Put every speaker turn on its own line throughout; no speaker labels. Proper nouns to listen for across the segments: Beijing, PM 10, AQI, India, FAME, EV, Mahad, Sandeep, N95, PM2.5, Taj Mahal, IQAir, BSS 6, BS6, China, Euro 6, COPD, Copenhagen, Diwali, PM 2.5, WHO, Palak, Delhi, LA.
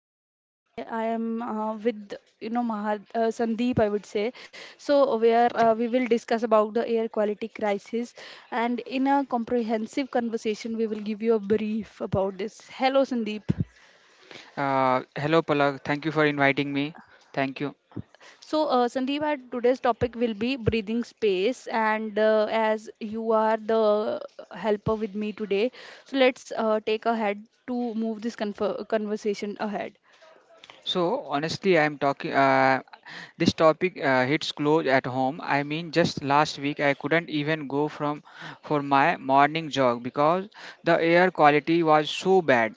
Palak, and today I am with Mahad, Sandeep, I would say. So where we will discuss about the air quality crisis, and in a comprehensive conversation, we will give you a brief about this. Hello Sandeep.
Hello, Palak. Thank you for inviting me. Thank you.
So Sandeep, our today's topic will be breathing space, and as you are the helper with me today, so let's take ahead to move this conversation ahead.
So, honestly, I'm talking. This topic hits close at home. I mean, just last week I couldn't even go from for my morning jog because the air quality was so bad.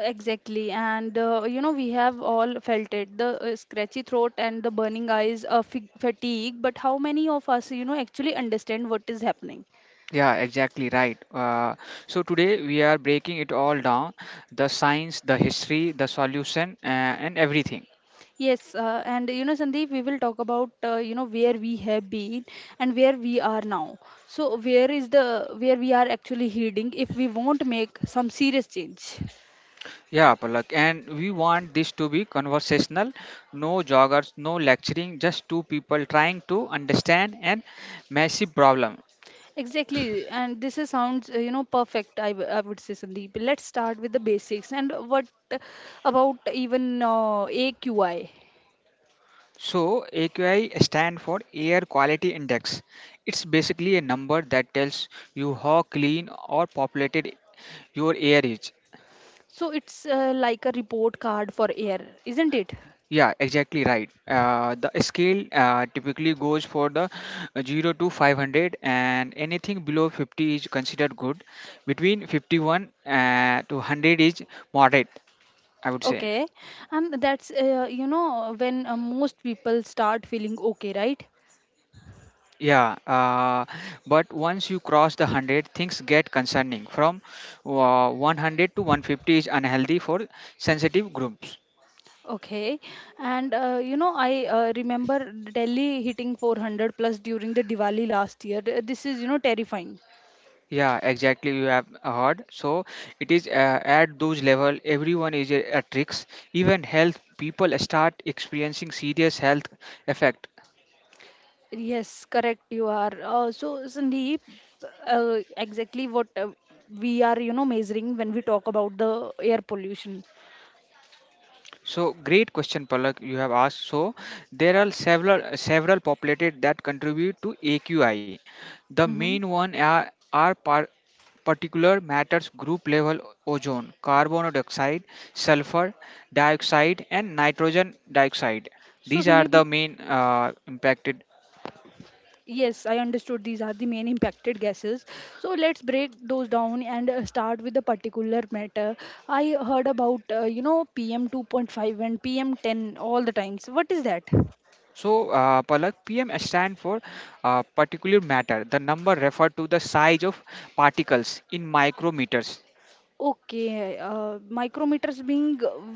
Exactly, and we have all felt it the scratchy throat and the burning eyes, fig fatigue. But how many of us, actually understand what is happening?
Yeah, exactly right. So today we are breaking it all down: the science, the history, the solution, and everything.
Yes, and Sandeep, we will talk about, where we have been and where we are now. So, where is the where we are actually heading if we won't make some serious change?
Yeah, Palak, and we want this to be conversational, no joggers, no lecturing, just two people trying to understand an massive problem.
Exactly, and this is sounds you know perfect. I would say Sandeep. Let's start with the basics. And what about even AQI?
So AQI stand for Air Quality Index. It's basically a number that tells you how clean or populated your air is.
So it's like a report card for air, isn't it?
Yeah, exactly right. The scale typically goes for the 0 to 500, and anything below 50 is considered good. Between 51 to 100 is moderate, I would say.
Okay, and that's when most people start feeling okay, right?
Yeah, but once you cross the 100, things get concerning. From 100 to 150 is unhealthy for sensitive groups.
Okay, and I remember Delhi hitting 400 plus during the Diwali last year. This is terrifying.
Yeah, exactly. You have heard. So it is at those level, everyone is a tricks. Even health people start experiencing serious health effect.
Yes, correct. You are. So, Sandeep, exactly what we are, measuring when we talk about the air pollution.
So great question, Palak. You have asked. So there are several populated that contribute to AQI. The
Hmm.
main one are particular matters group level ozone, carbon dioxide, sulfur dioxide, and nitrogen dioxide.
So,
These are
Sandeep,
the main impacted.
yes, I understood these are the main impacted gases. So, let's break those down and start with the particular matter. I heard about, PM 2.5 and PM 10 all the times. What is that?
So, Palak, PM stand for particular matter. The number refer to the size of particles in micrometers.
Okay, micrometers being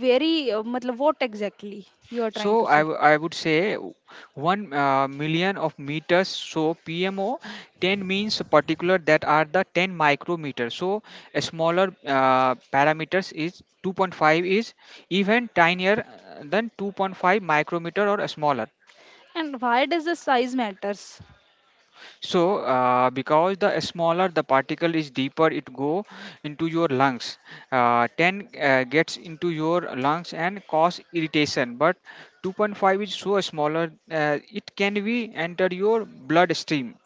very, matlab, what exactly we are trying to
So,
see?
I would say one million of meters. So, PMO 10 means particular that are the 10 micrometers. So, a smaller parameters is 2.5 is even tinier than 2.5 micrometer or smaller.
And why does the size matters?
So, because the smaller the particle is, deeper it go into your lungs. 10 gets into your lungs and cause irritation, but 2.5 is so smaller it can be enter your bloodstream.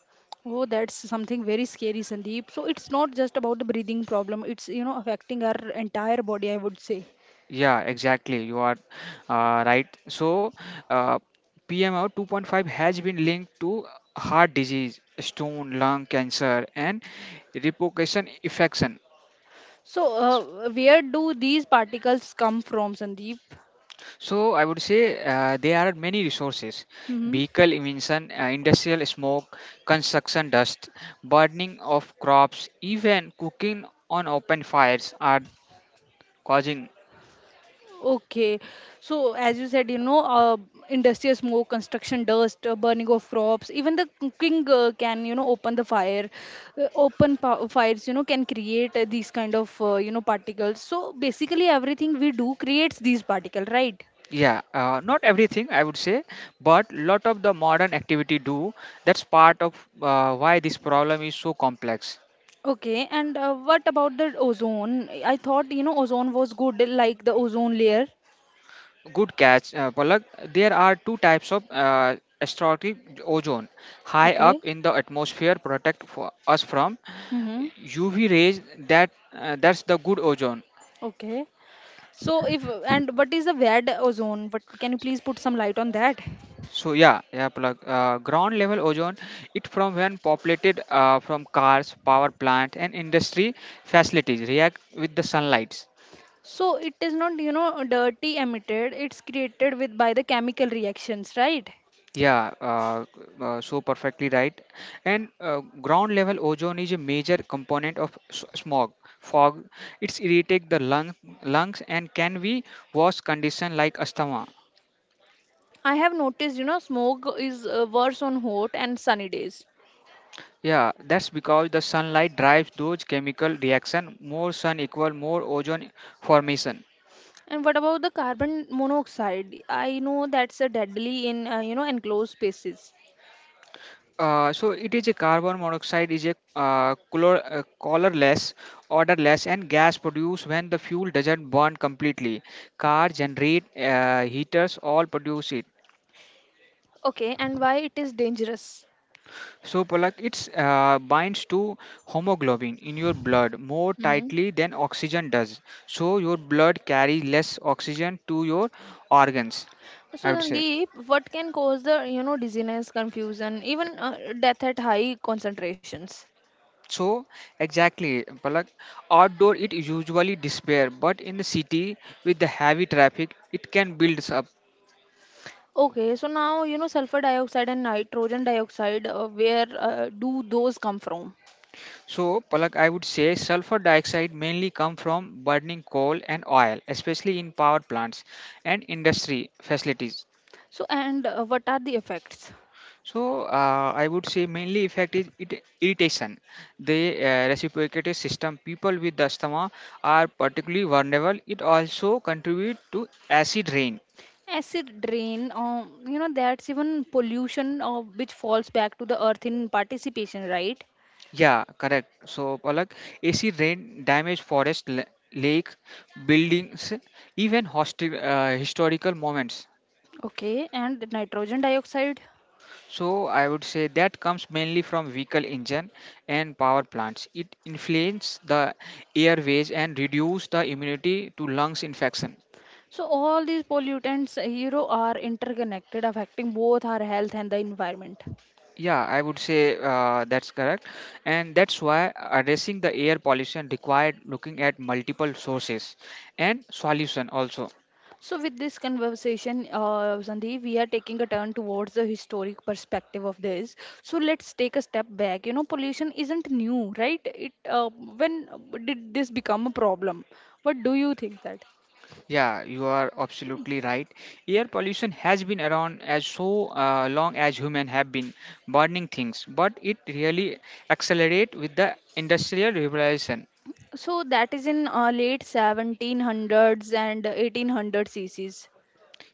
Oh, that's something very scary, Sandeep. So it's not just about the breathing problem. It's affecting our entire body, I would say.
Yeah, exactly. You are right. So, uh, PMO 2.5 has been linked to heart disease, stone, lung cancer, and repercussion infection.
So where do these particles come from, Sandeep?
So I would say there are many resources:
Mm-hmm.
vehicle emission, industrial smoke, construction dust, burning of crops, even cooking on open fires are causing.
Okay, so as you said, industrial smoke, construction dust, burning of crops, even the cooking can, open the fire. Fires, can create these kind of, particles. So basically, everything we do creates these particles, right?
Yeah, not everything I would say, but lot of the modern activity do. That's part of why this problem is so complex.
Okay, and what about the ozone? I thought, ozone was good, like the ozone layer.
Good catch, Palak. There are two types of astrotic ozone. High
Okay.
up in the atmosphere protect for us from
Mm-hmm.
UV rays. That that's the good ozone.
Okay. So if and what is the bad ozone? What can you please put some light on that?
So yeah, Palak. Ground level ozone. It from when populated from cars, power plants, and industry facilities react with the sunlight.
So it is not, dirty emitted. It's created with by the chemical reactions, right?
Yeah, uh, so perfectly right. And ground level ozone is a major component of smog, fog. It's irritate lungs and can be worse condition like asthma.
I have noticed, smoke is worse on hot and sunny days.
Yeah, that's because the sunlight drives those chemical reaction. More sun equal more ozone formation.
And what about the carbon monoxide? I know that's a deadly in, enclosed spaces.
So it is a carbon monoxide is a colorless, odorless, and gas produced when the fuel doesn't burn completely. Cars generate heaters all produce it.
Okay, and why it is dangerous?
So Palak, it's binds to hemoglobin in your blood more
Hmm.
tightly than oxygen does. So your blood carries less oxygen to your organs. I
So
would say.
Sandeep, what can cause the, dizziness, confusion, even death at high concentrations?
So exactly, Palak, outdoor it usually despair, but in the city with the heavy traffic, it can builds up.
Okay, so now you know sulfur dioxide and nitrogen dioxide, where do those come from?
So Palak, I would say sulfur dioxide mainly come from burning coal and oil, especially in power plants and industry facilities.
So, and what are the effects?
So I would say mainly effect is it, irritation. The reciprocating system people with asthma are particularly vulnerable. It also contribute to acid rain.
Acid rain, that's even pollution which falls back to the earth in participation, right?
Yeah, correct. So, Palak, AC rain damaged forest, lake, buildings, even historical moments.
Okay, and the nitrogen dioxide.
So, I would say that comes mainly from vehicle engine and power plants. It inflames the airways and reduce the immunity to lungs infection.
So, all these pollutants, are interconnected, affecting both our health and the environment.
Yeah, I would say that's correct, and that's why addressing the air pollution required looking at multiple sources and solution also.
So, with this conversation, Sandeep, we are taking a turn towards the historic perspective of this. So, let's take a step back. You know, pollution isn't new, right? It When did this become a problem? What do you think that?
Yeah, you are absolutely right. Air pollution has been around as so long as humans have been burning things, but it really accelerate with the industrial revolution.
So, that is in late 1700s and 1800 CCs.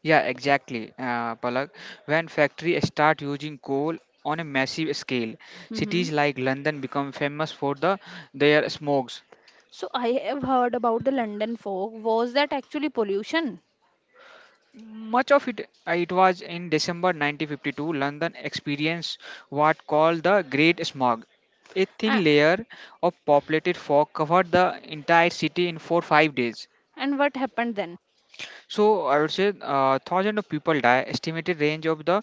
Yeah, exactly, Palak. When factories start using coal on a massive scale,
Mm-hmm.
cities like London become famous for their smog.
So, I have heard about the London fog. Was that actually pollution?
Much of it, it was in December 1952, London experienced what called the Great Smog. A thin
A-
layer of populated fog covered the entire city in 4 5 days.
and what happened then?
So I would say thousand of people die. Estimated range of the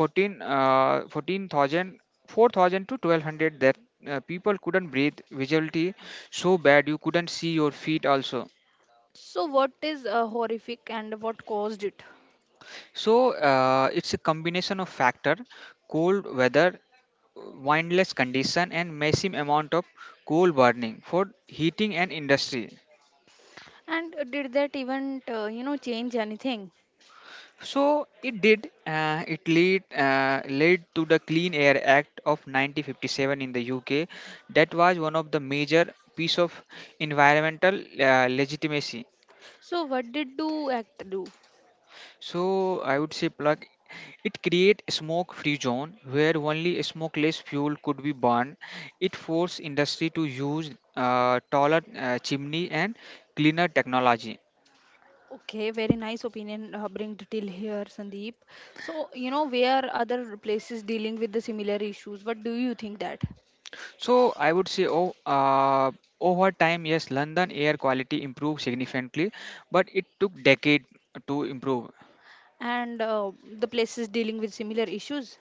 14,000, to 1,200 that people couldn't breathe. Visuality so bad you couldn't see your feet also.
So, what is horrific and what caused it?
So it's a combination of factor cold weather windless condition and massive amount of coal burning for heating and industry.
And did that event, change anything?
So it did. It lead Led to the clean air act of 1957 in the UK. That was one of the major piece of environmental legitimacy.
So, what did do act do?
So i would say plug it create a smoke free zone where only smokeless fuel could be burned. It forced industry to use taller chimney and cleaner technology.
Okay, very nice opinion bring till here, Sandeep. So, where other places dealing with the similar issues? What do you think that?
So I would say, over time, yes, London air quality improved significantly, but it took decade to improve.
And the places dealing with similar issues?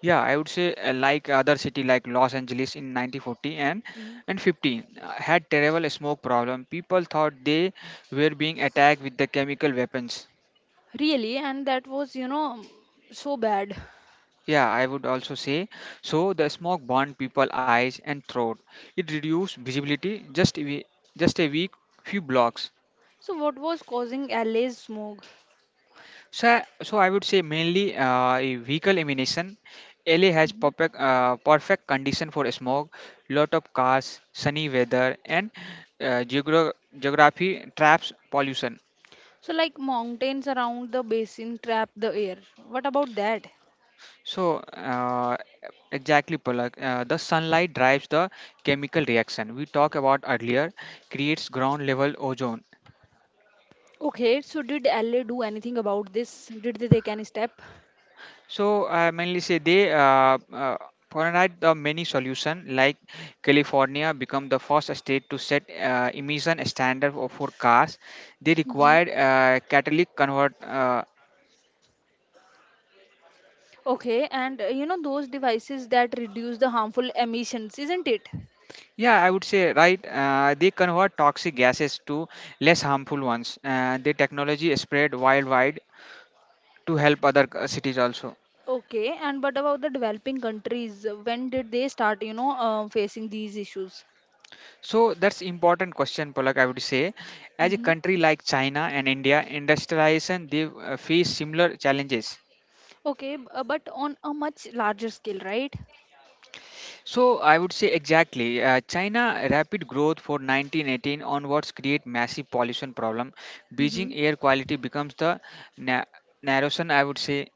Yeah, I would say like other city like Los Angeles in 1940 and
Mm.
and 50 had terrible smoke problem. People thought they were being attacked with the chemical weapons.
Really, and that was, so bad.
Yeah, I would also say so. The smoke burned people eyes and throat. It reduced visibility just a week few blocks.
So, what was causing LA's smog?
So I would say mainly a vehicle emission. LA has
Mhm.
perfect condition for smog, lot of cars, sunny weather, and uh, geogra- geography traps pollution.
So, like mountains around the basin trap the air. What about that?
So exactly, Palak. The sunlight drives the chemical reaction we talked about earlier, creates ground level ozone.
Okay, so did LA do anything about this? Did they take any step?
So I mainly say they Provide the many solution like California become the first state to set emission standard for cars. They
Hmm.
required catalytic convert.
Okay, and those devices that reduce the harmful emissions, isn't it?
Yeah, I would say right. They convert toxic gases to less harmful ones. The technology spread worldwide to help other cities also.
Okay, and but about the developing countries, when did they start, facing these issues?
So that's important question, Polak. I would say, as a
Hmm.
country like China and India, industrialization they face similar challenges.
Okay, but on a much larger scale, right?
So I would say exactly. China rapid growth for 1918 onwards create massive pollution problem. Beijing
Hmm.
air quality becomes the na- narration, I would say.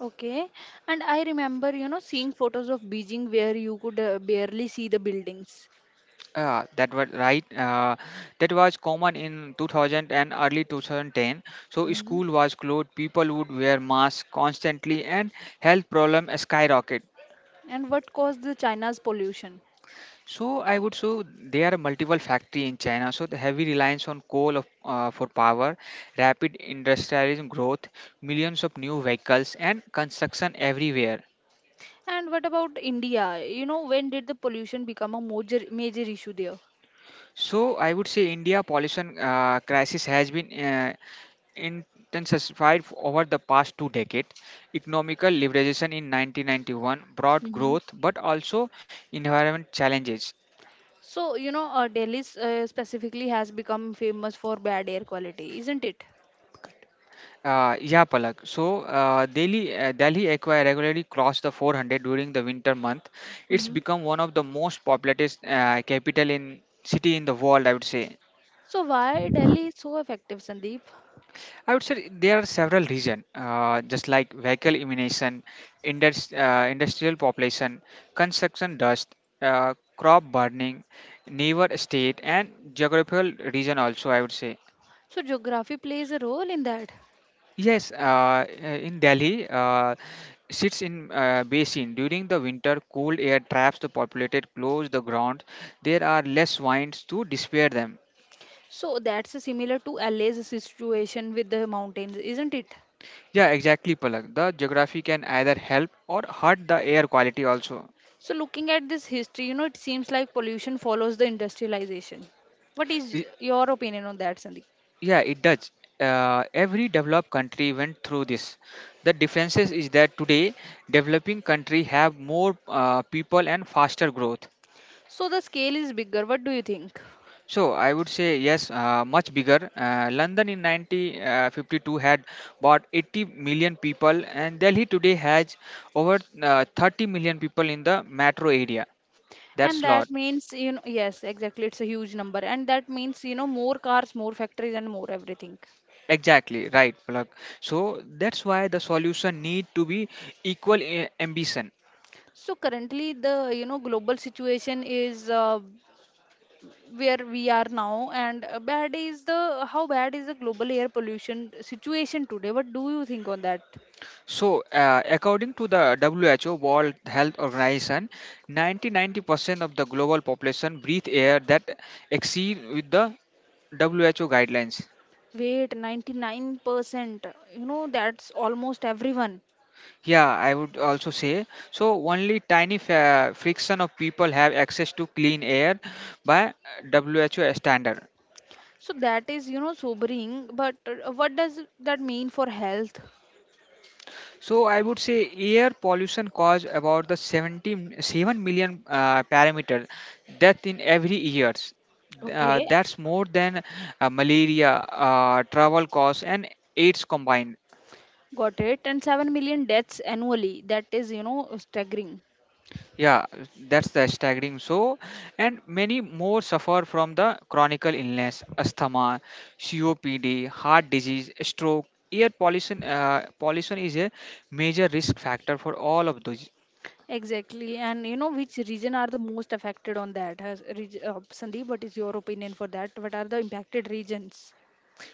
Okay, and I remember, seeing photos of Beijing where you could barely see the buildings.
That was right. That was common in 2000 and early 2010. So
Hmm.
school was closed. People would wear masks constantly, and health problem skyrocket.
And what caused the China's pollution?
So I would so there are multiple factory in China. So the heavy reliance on coal for power, rapid industrialization growth, millions of new vehicles, and construction everywhere.
And what about India? You know, when did the pollution become a major major issue there?
So I would say India pollution crisis has been intensified over the past two decades. Economical liberalization in 1991 brought
Hmm.
growth, but also environment challenges.
So, Delhi specifically has become famous for bad air quality, isn't it?
Yeah, Palak. So, Delhi Aqua regularly crossed the 400 during the winter month. It's
Hmm.
become one of the most populous capital in city in the world, I would say.
So why Delhi is so effective, Sandeep?
I would say there are several reasons, just like vehicle emission, industrial population, construction dust, crop burning, neighbor state, and geographical region. Also, I would say.
So geography plays a role in that.
Yes, in Delhi, sits in basin. During the winter, cool air traps the populated close the ground. There are less winds to disperse them.
So that's similar to LA's situation with the mountains, isn't it?
Yeah, exactly, Palak. The geography can either help or hurt the air quality also.
So looking at this history, it seems like pollution follows the industrialization. What is
Y-
your opinion on that, Sandeep?
Yeah, it does. Every developed country went through this. The differences is that today developing country have more people and faster growth.
So the scale is bigger. What do you think?
So I would say yes, much bigger. London in 1952 had about 80 million people, and Delhi today has over 30 million people in the metro area.
And
That's
that
lot.
means yes exactly it's a huge number and that means more cars more factories and more everything.
Exactly right, Palak. So that's why the solution need to be equal ambition.
So currently the global situation is where we are now and bad is the how bad is the global air pollution situation today what do you think on that.
So according to the WHO World Health Organization, 90-90% of the global population breathe air that exceed with the WHO guidelines.
Wait, 99% that's almost everyone.
Yeah, I would also say so. Only tiny friction of people have access to clean air by WHO standard.
So that is sobering but what does that mean for health?
So I would say air pollution cause about the 70, 7 million parameter death in every years.
Okay.
That's more than malaria, travel costs, and AIDS combined.
Got it. And 7 million deaths annually. That is, staggering.
Yeah, that's the staggering. So, and many more suffer from the chronic illness, asthma, COPD, heart disease, stroke. Pollution is a major risk factor for all of those.
Exactly. And which region are the most affected on that? Has, Sandeep, what is your opinion for that? What are the impacted regions?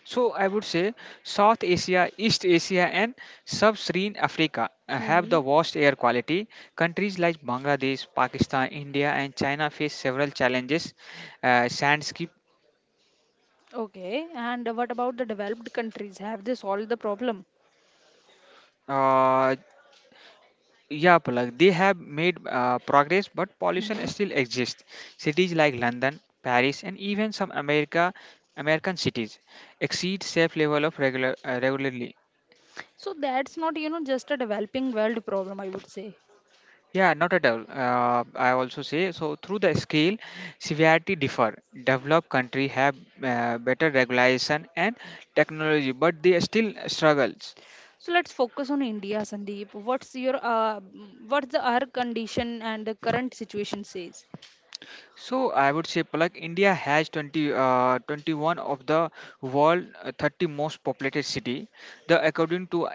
So I would say South Asia, East Asia, and Sub-Saharan Africa have
Hmm.
the worst air quality. Countries like Bangladesh, Pakistan, India, and China face several challenges. Sandscape.
Okay. And what about the developed countries? Have they solved the problem?
Yeah, Palak, they have made progress, but pollution
Hmm.
still exists. Cities like London, Paris, and even some America, American cities exceed safe level of regularly.
So that's not, just a developing world problem, I would say.
Yeah, not at all. I also say so. Through the scale, severity differ. Developed country have better regulation and technology, but they still struggles.
So let's focus on India, Sandeep. What's your, what's the our condition and the current situation says?
So I would say like India has 21 of the world 30 most populated city. The according to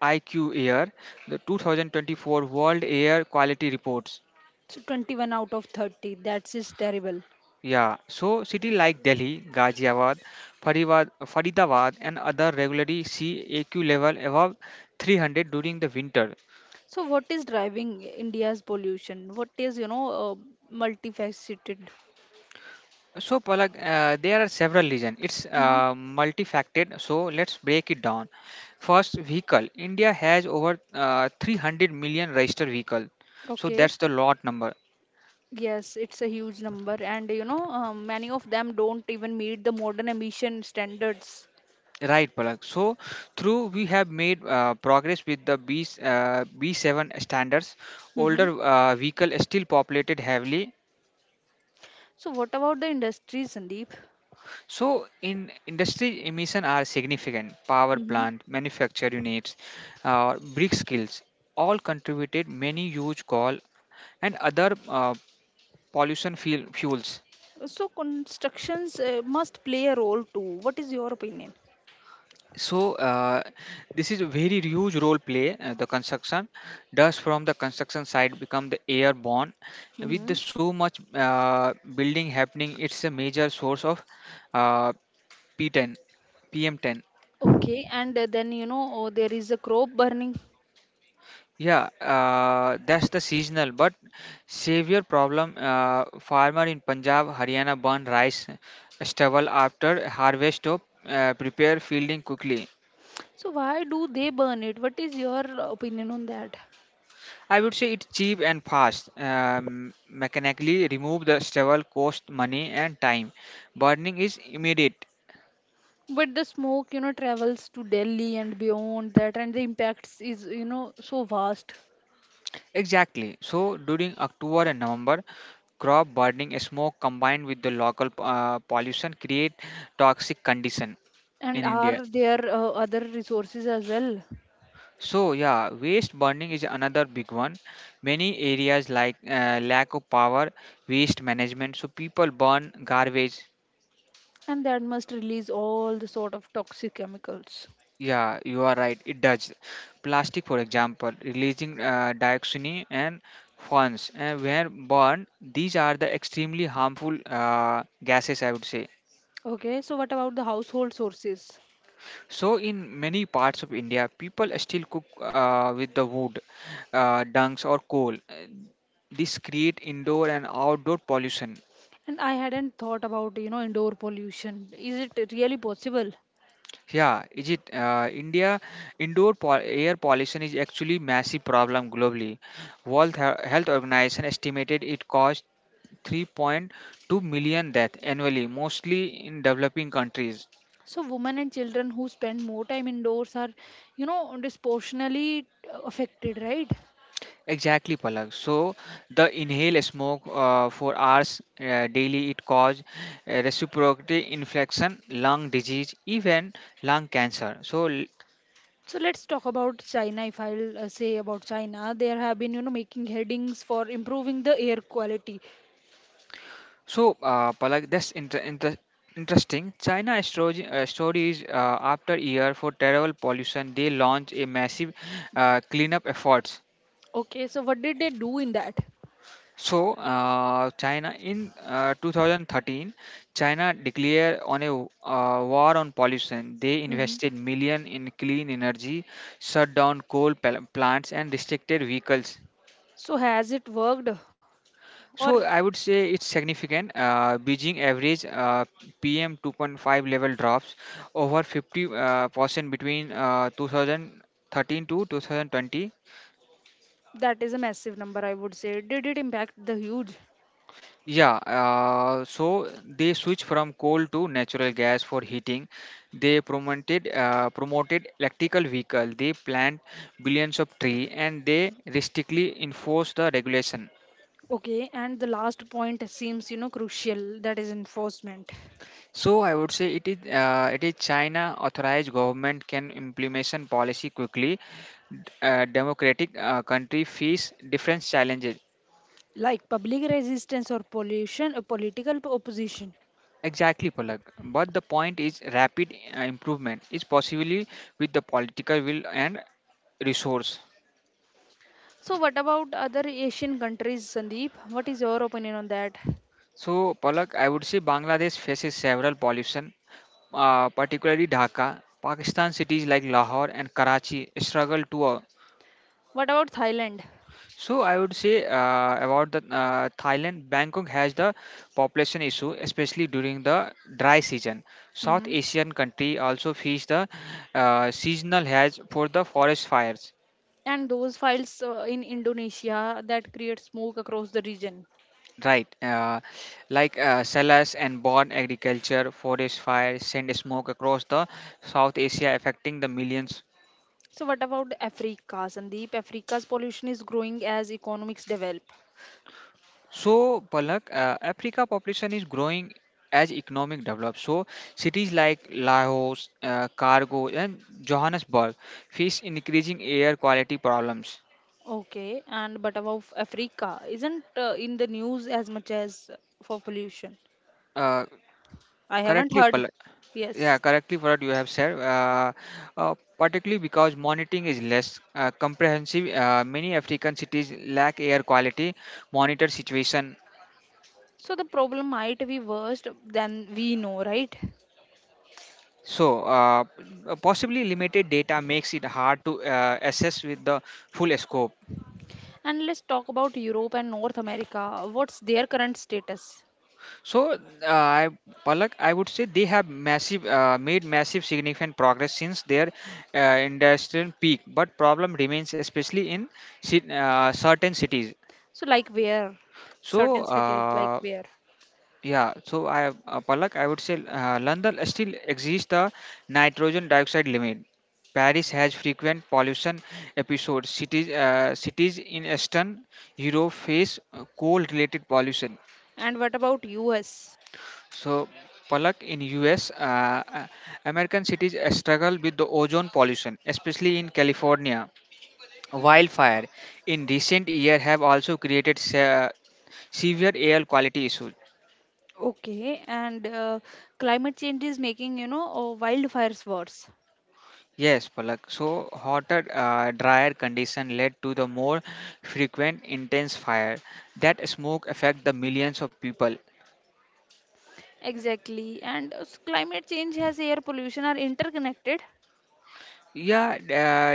IQ Air, the 2024 World Air Quality Reports.
So 21 out of 30, that's is terrible.
Yeah, so city like Delhi, Ghaziabad, Faridabad and other regularly see AQ level above 300 during the winter.
So what is driving India's pollution? What is, multifaceted?
So, Palak, there are several reasons. It's
Hmm.
multifaceted. So, let's break it down. First, vehicle. India has over 300 million registered vehicle. So,
Okay.
that's the lot number.
Yes, it's a huge number, and many of them don't even meet the modern emission standards.
Right, Palak. So, through we have made progress with the B7 standards.
Hmm.
Older vehicle is still populated heavily.
So, what about the industries, Sandeep?
So, in industry emission are significant. Power
Hmm.
plant, manufacture units, brick skills, all contributed many huge coal and other pollution fuels.
So, constructions must play a role too. What is your opinion?
So, this is a very huge role play. The construction dust from the construction site become the airborne. With
Hmm.
the so much building happening, it's a major source of uh, P10, PM10.
Okay, and then you know, oh, there is a crop burning.
Yeah, that's the seasonal but severe problem. Farmer in Punjab, Haryana burn rice stubble after harvest to prepare fielding quickly.
So why do they burn it? What is your opinion on that?
I would say it's cheap and fast. Mechanically remove the stubble cost money and time. Burning is immediate.
But the smoke, travels to Delhi and beyond that, and the impacts is, so vast.
Exactly. So during October and November, crop burning smoke combined with the local pollution create toxic condition
And
in India.
are there other resources as well?
So yeah, waste burning is another big one. Many areas like lack of power, waste management. So people burn garbage.
And that must release all the sort of toxic chemicals.
Yeah, you are right. It does. Plastic, for example, releasing dioxin and fumes. And where burned. These are the extremely harmful gases, I would say.
Okay, so what about the household sources?
So in many parts of India, people still cook with the wood, dungs or coal. This create indoor and outdoor pollution.
And I hadn't thought about, indoor pollution. Is it really possible?
Yeah, is it India air pollution is actually massive problem globally. Health Organization estimated it caused 3.2 million deaths annually, mostly in developing countries.
So women and children who spend more time indoors are, disproportionately affected, right?
Exactly, Palak. So the inhale smoke for hours daily it cause respiratory infection, lung disease, even lung cancer. So
So let's talk about China. If I'll Say about China, there have been making headings for improving the air quality.
So, Palak, that's interesting. China stories, after year for terrible pollution, they launch a massive cleanup efforts.
Okay, so what did they do in that?
So, China in 2013, China declared on a war on pollution. They
Hmm.
invested million in clean energy, shut down plants, and restricted vehicles.
So has it worked, or
So I would say it's significant. Beijing average PM 2.5 level drops over 50 percent between 2013 to 2020.
that is a massive number? I would say. Did it impact the huge?
Yeah, so they switched from coal to natural gas for heating. They promoted electrical vehicle. They plant billions of tree and they restrictly enforce the regulation.
Okay, and the last point seems crucial. That is enforcement,
So I would say it is China authorized government can implementation policy quickly. Democratic country face different challenges.
like public resistance or pollution, or political opposition.
Exactly, Palak. But the point is rapid improvement is possibly with the political will and resource.
So what about other Asian countries, Sandeep? What is your opinion on that?
So Palak, I would say Bangladesh faces several pollution, particularly Dhaka. Pakistan cities like Lahore and Karachi struggle to uh.
What about Thailand?
So I would say about the Thailand, Bangkok has the population issue, especially during the dry season. South
Mm-hmm.
Asian country also face the seasonal has for the forest fires,
And those files in Indonesia that create smoke across the region.
right? Like salas and born agriculture, forest fires send smoke across the South Asia, affecting the millions.
So what about Africa, Sandeep? Africa's pollution is growing as economics develop.
So, Palak, Africa population is growing as economic develops. So, cities like Laos, Cargo, and Johannesburg face increasing air quality problems.
Okay, and but about Africa isn't in the news as much as for pollution.
Uh,
I haven't
correctly,
heard.
Palak. Yeah,
Yes.
Correctly, Palak. You have said, particularly because monitoring is less comprehensive. Many African cities lack air quality monitor situation.
So the problem might be worse than we know, right?
So, possibly limited data makes it hard to assess with the full scope.
And let's talk about Europe and North America. What's their current status?
So, I, Palak, I would say they have massive made massive significant progress since their industrial peak, but problem remains especially in certain cities.
So like where?
So,
Certain cities like where?
yeah, so I Palak, I would say London still exceeds the nitrogen dioxide limit. Paris has frequent pollution episodes. Cities in Eastern Europe face coal-related pollution.
And what about US?
So, Palak, in US, American cities struggle with the ozone pollution, especially in California. Wildfire in recent year have also created severe air quality issues.
Okay, and climate change is making, wildfires worse.
Yes, Palak. So, hotter, drier condition led to the more frequent intense fire. That smoke affect the millions of people.
Exactly, and climate change has air pollution are interconnected.
Yeah,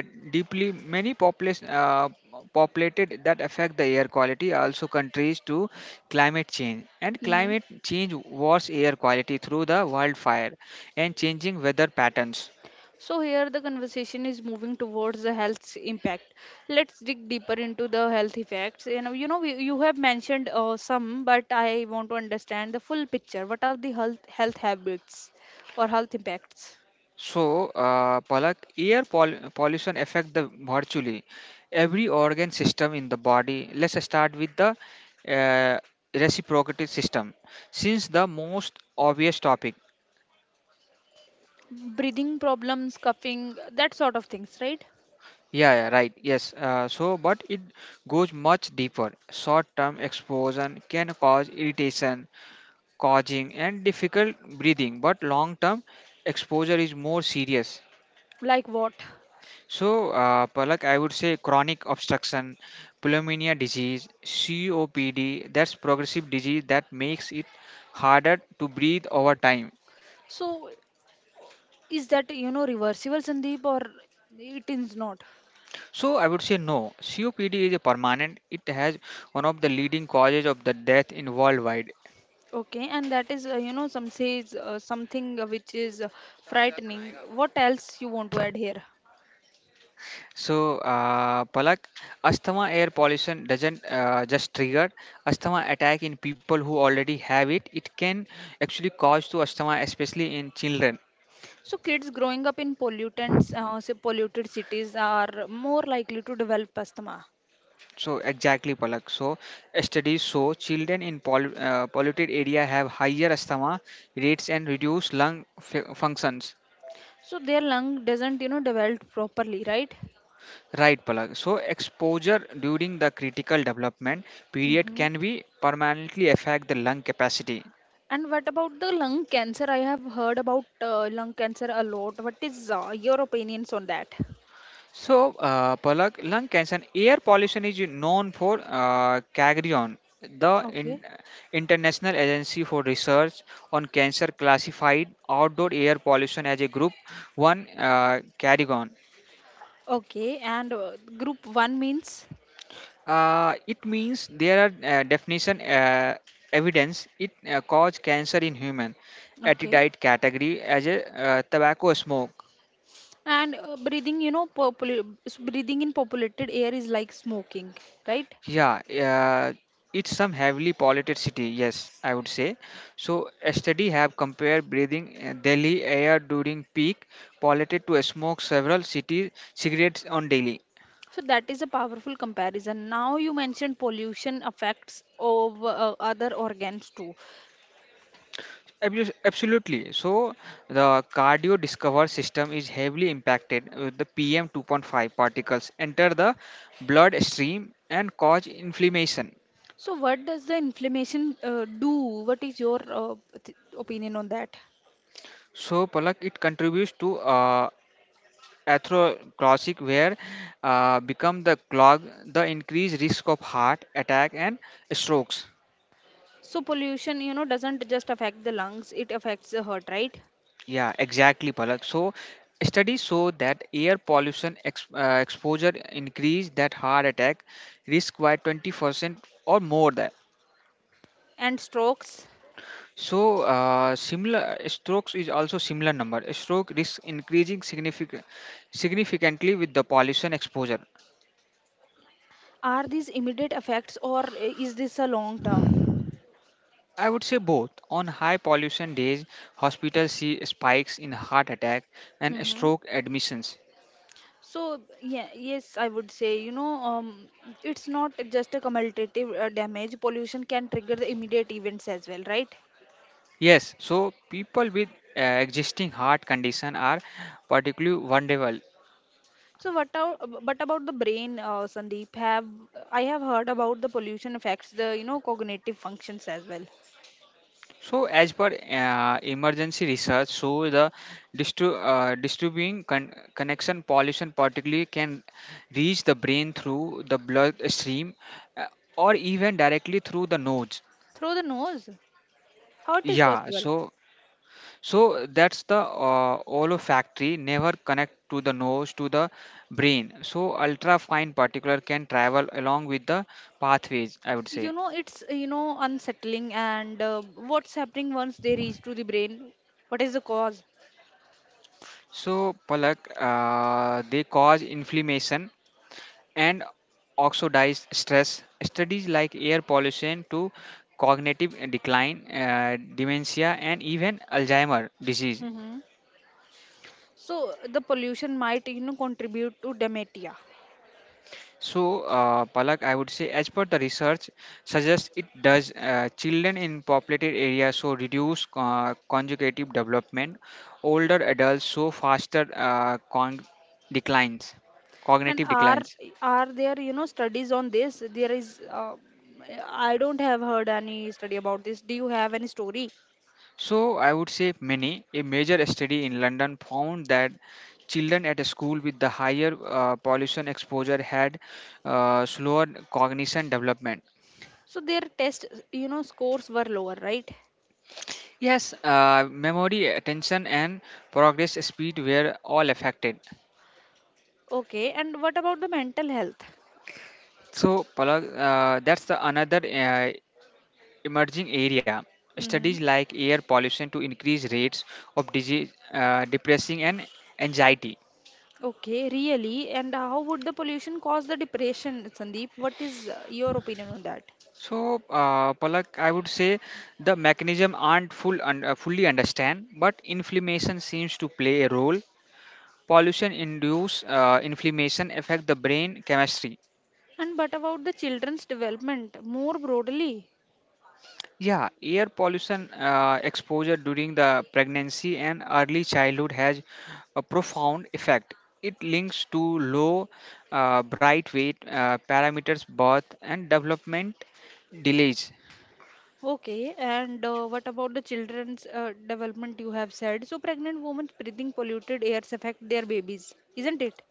deeply many population populated that affect the air quality also countries to climate change and
Hmm.
climate change worse air quality through the wildfire and changing weather patterns.
So here the conversation is moving towards the health impact. Let's dig deeper into the health effects. You have mentioned some, but I want to understand the full picture. What are the health health habits or health impacts?
So, Palak, pollution affect the virtually every organ system in the body. Let's start with the uh, reciprocity system, since the most obvious topic.
Breathing problems, coughing, that sort of things, right?
Yeah, yeah, right. Yes. So, but it goes much deeper. Short-term exposure can cause irritation, causing and difficult breathing. But long-term exposure is more serious.
Like what?
So, Palak, I would say chronic obstruction, pulmonary disease, COPD. That's progressive disease that makes it harder to breathe over time.
So is that, reversible, Sandeep, or it is not?
So, I would say no. COPD is a permanent. It has one of the leading causes of the death in worldwide.
Okay, and that is, some says something which is frightening. What else you want to add here?
So, Palak, asthma air pollution doesn't just trigger asthma attack in people who already have it. It can actually cause to asthma, especially in children.
So kids growing up in pollutants, say polluted cities are more likely to develop asthma.
So, exactly, Palak. So, studies show children in polluted area have higher asthma rates and reduced functions.
So their lung doesn't, develop properly, right?
Right, Palak. So, exposure during the critical development period
Hmm.
can be permanently affect the lung capacity.
And what about the lung cancer? I have heard about lung cancer a lot. What is your opinions on that?
So, Palak, lung cancer, air pollution is known for CAGRION, the
Okay.
in, International Agency for Research on Cancer classified outdoor air pollution as a group 1 CAGRION.
Okay, and group 1 means.
It means there are definition evidence it cause cancer in human
Okay.
attitude category as a tobacco smoke.
And breathing, breathing in populated air is like smoking, right?
Yeah, uh, it's some heavily polluted city, yes, I would say. So a study have compared breathing Delhi air during peak polluted to smoke several city cigarettes on daily.
So that is a powerful comparison. Now you mentioned pollution affects of other organs too.
Absolutely. So the cardio discover system is heavily impacted with the PM 2.5 particles enter the blood stream and cause inflammation.
So what does the inflammation do? What is your opinion on that?
So Palak, it contributes to atherosclerotic where become the clog the increased risk of heart attack and strokes.
So pollution, doesn't just affect the lungs; it affects the heart, right?
Yeah, exactly, Palak. So studies show that air pollution exposure increase that heart attack risk by 20% or more that.
And strokes.
So similar strokes is also similar number stroke risk increasing significantly with the pollution exposure.
Are these immediate effects, or is this a long term?
I would say both. On high pollution days, hospitals see spikes in heart attack and
Mm-hmm.
stroke admissions.
So yeah, yes, I would say it's not just a cumulative damage. Pollution can trigger the immediate events as well, right?
Yes, so people with existing heart condition are particularly vulnerable.
So but about the brain, Sandeep? Have I have heard about the pollution affects the you know cognitive functions as well
So, as per emergency research, so the disturbing connection pollution particularly can reach the brain through the blood stream uh, or even directly through the nose.
through the nose? How it is
Yeah,
possible?
so so that's the olfactory never connect to the nose to the brain. So ultrafine particular can travel along with the pathways, I would say.
You know it's you know unsettling and what's happening once they reach to the brain? What is the cause?
So Palak, they cause inflammation and oxidized stress. Studies like air pollution to cognitive decline, dementia, and even Alzheimer disease.
Hmm. So the pollution might you know contribute to dementia.
So, Palak, I would say, as per the research suggests, it does children in populated areas so reduce conjugative development, older adults show faster declines,
And
cognitive
are
declines.
are there you know studies on this? There is. I don't have heard any study about this. Do you have any story?
So, I would say many. A major study in London found that children at a school with the higher pollution exposure had slower cognition development.
So their test you know scores were lower, right?
Yes, memory, attention, and progress speed were all affected.
Okay. And what about the mental health?
So, Palak, that's the another emerging area.
Mm-hmm.
Studies like air pollution to increase rates of disease, depressing, and anxiety.
Okay, really? And how would the pollution cause the depression, Sandeep? What is your opinion on that?
So, Palak, I would say the mechanism aren't fully understand, but inflammation seems to play a role. Pollution induce inflammation affect the brain chemistry.
And but about the children's development more broadly?
Yeah, air pollution exposure during the pregnancy and early childhood has a profound effect. It links to low bright weight parameters, birth and development delays.
Okay, and what about the children's development you have said? So, pregnant women breathing polluted airs affect their babies, isn't it?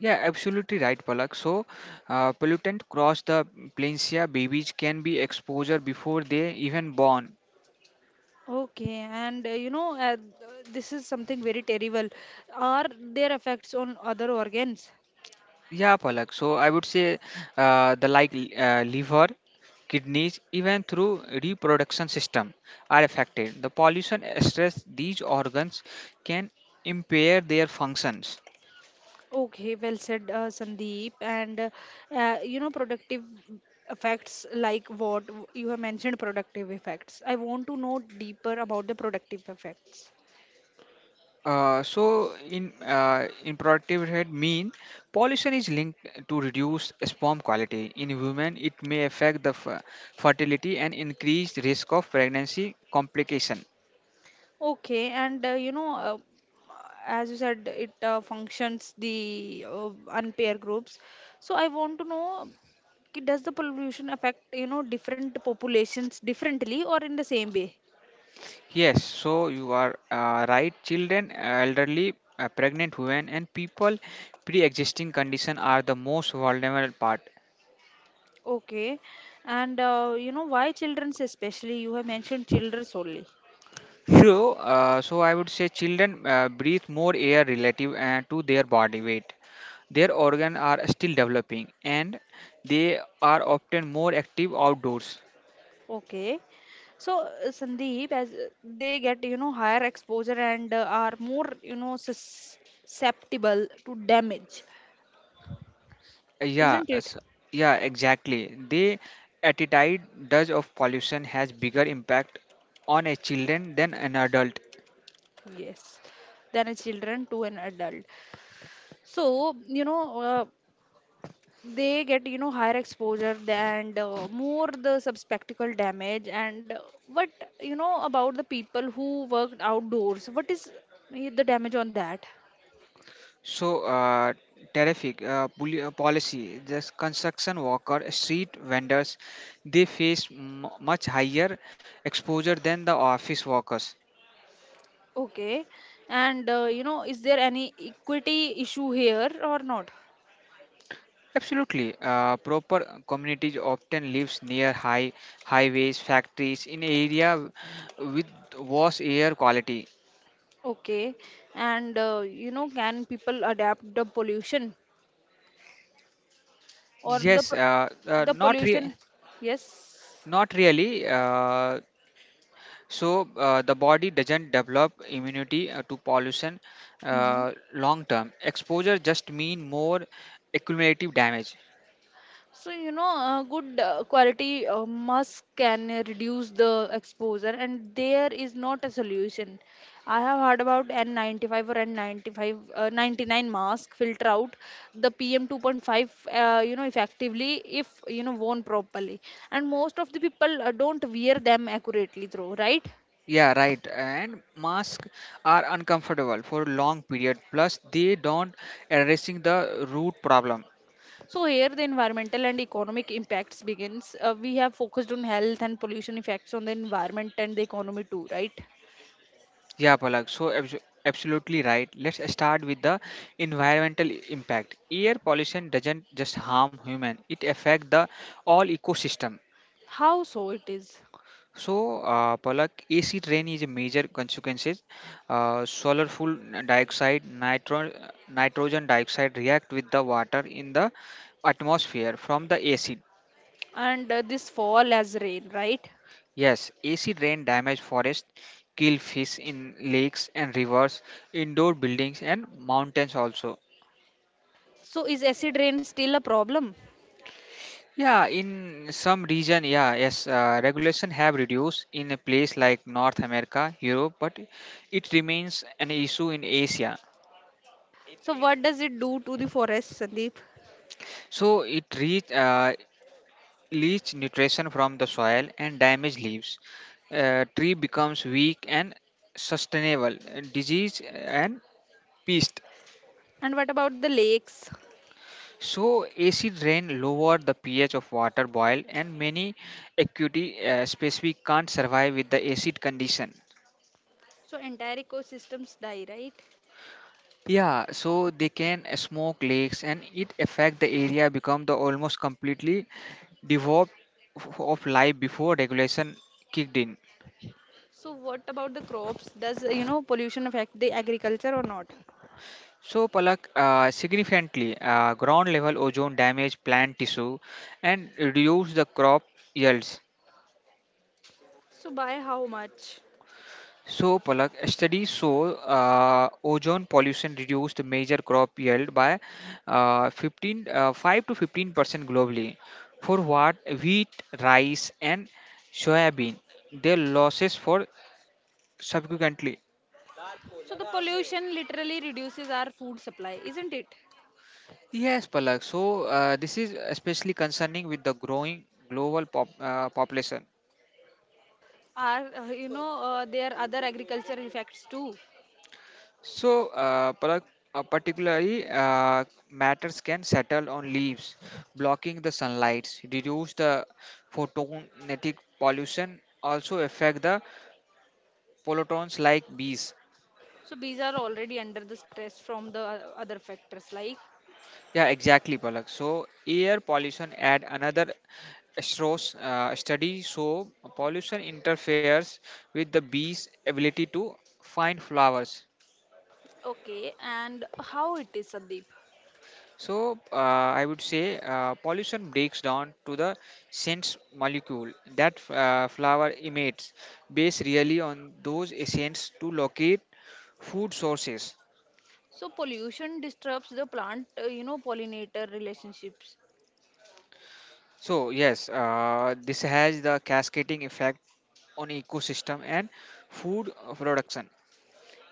Yeah, absolutely right, Palak. So, pollutant cross the plains. Yeah, babies can be exposure before they even born.
Okay, and this is something very terrible. Are there effects on other organs?
Yeah, Palak. So I would say the like liver, kidneys, even through reproduction system are affected. The pollution stress these organs can impair their functions.
Okay, well said, Sandeep. And productive effects like what you have mentioned, productive effects. I want to know deeper about the productive effects.
In productive rate mean pollution is linked to reduced sperm quality in women. It may affect the fertility and increased risk of pregnancy complication.
Okay, and as you said, it functions the unpaired groups. So I want to know, does the pollution affect you know different populations differently or in the same way?
Yes, so you are right. Children, elderly, pregnant women, and people pre-existing condition are the most vulnerable part.
Okay, and you know why childrens especially? You have mentioned children solely.
So, I would say children breathe more air relative to their body weight. Their organs are still developing, and they are often more active outdoors.
Okay, so Sandeep, as they get you know higher exposure and are more you know susceptible to damage,
Yeah,
isn't it?
s- yeah, exactly. The attitude does of pollution has bigger impact on a children than an adult.
Yes, than a children to an adult. So you know they get you know higher exposure and more the subspectacle damage and what you know about the people who worked outdoors, what is the damage on that?
So, terrific policy. The construction worker, street vendors, they face much higher exposure than the office workers.
Okay, and you know is there any equity issue here or not?
Absolutely, proper communities often lives near high highways, factories, in area with worse air quality.
Okay, and you know can people adapt the pollution or the
Yes,
p- the pollution? Yes.
not really. The body doesn't develop immunity to pollution.
Mm-hmm.
Long term exposure just mean more accumulative damage.
So, good quality mask can reduce the exposure, and there is not a solution. I have heard about N95 or N95, 99 mask filter out the PM 2.5, you know, effectively if, you know, worn properly. And most of the people don't wear them accurately, though, right?
Yeah, right, and masks are uncomfortable for long period, plus they don't addressing the root problem.
So here the environmental and economic impacts begins. We have focused on health and pollution effects on the environment and the economy too, right?
Yeah, palak, absolutely right. Let's start with the environmental impact. Air pollution doesn't just harm human, it affects the all ecosystem.
How so it is?
So, Palak, AC rain is a major consequences. Uh, sulfurful dioxide, nitro, Nitrogen dioxide react with the water in the atmosphere from the acid.
And this fall as rain, right?
Yes, acid rain damage forest, kill fish in lakes and rivers, indoor buildings and mountains also.
So is acid rain still a problem?
Yeah, in some region, yeah, yes, regulation have reduced in a place like North America, Europe, but it remains an issue in Asia.
So what does it do to the forest, Sandeep?
So it reach leach nutrition from the soil and damage leaves. Tree becomes weak and sustainable disease and pest.
And what about the lakes?
So acid rain lower the pH of water boil and many acute species can't survive with the acid condition.
So entire ecosystems die, right?
Yeah, so they can smoke lakes and it affect the area become the almost completely devoid of life before regulation kicked in.
So what about the crops? Does you know pollution affect the agriculture or not?
So, Palak, significantly, ground level ozone damage plant tissue and reduce the crop yields.
So by how much?
So, Palak, studies show ozone pollution reduced major crop yield by 5 to 15% globally. For what? Wheat, rice, and soybean. Their losses for subsequently.
So the pollution literally reduces our food supply, isn't it?
Yes, Palak. So, this is especially concerning with the growing global population.
Are there are other agricultural effects too.
So, particularly, matters can settle on leaves, blocking the sunlight, reduce the photonetic pollution, also affect the pollutants like bees.
So these are already under the stress from the other factors like.
Yeah, exactly, Palak. So, air pollution add another Stroh's study show pollution interferes with the bees' ability to find flowers.
Okay, and how it is, Sandeep?
So, I would say pollution breaks down to the sense molecule that flower emits, based really on those essence to locate food sources.
So pollution disturbs the plant, pollinator relationships.
So yes, this has the cascading effect on ecosystem and food production.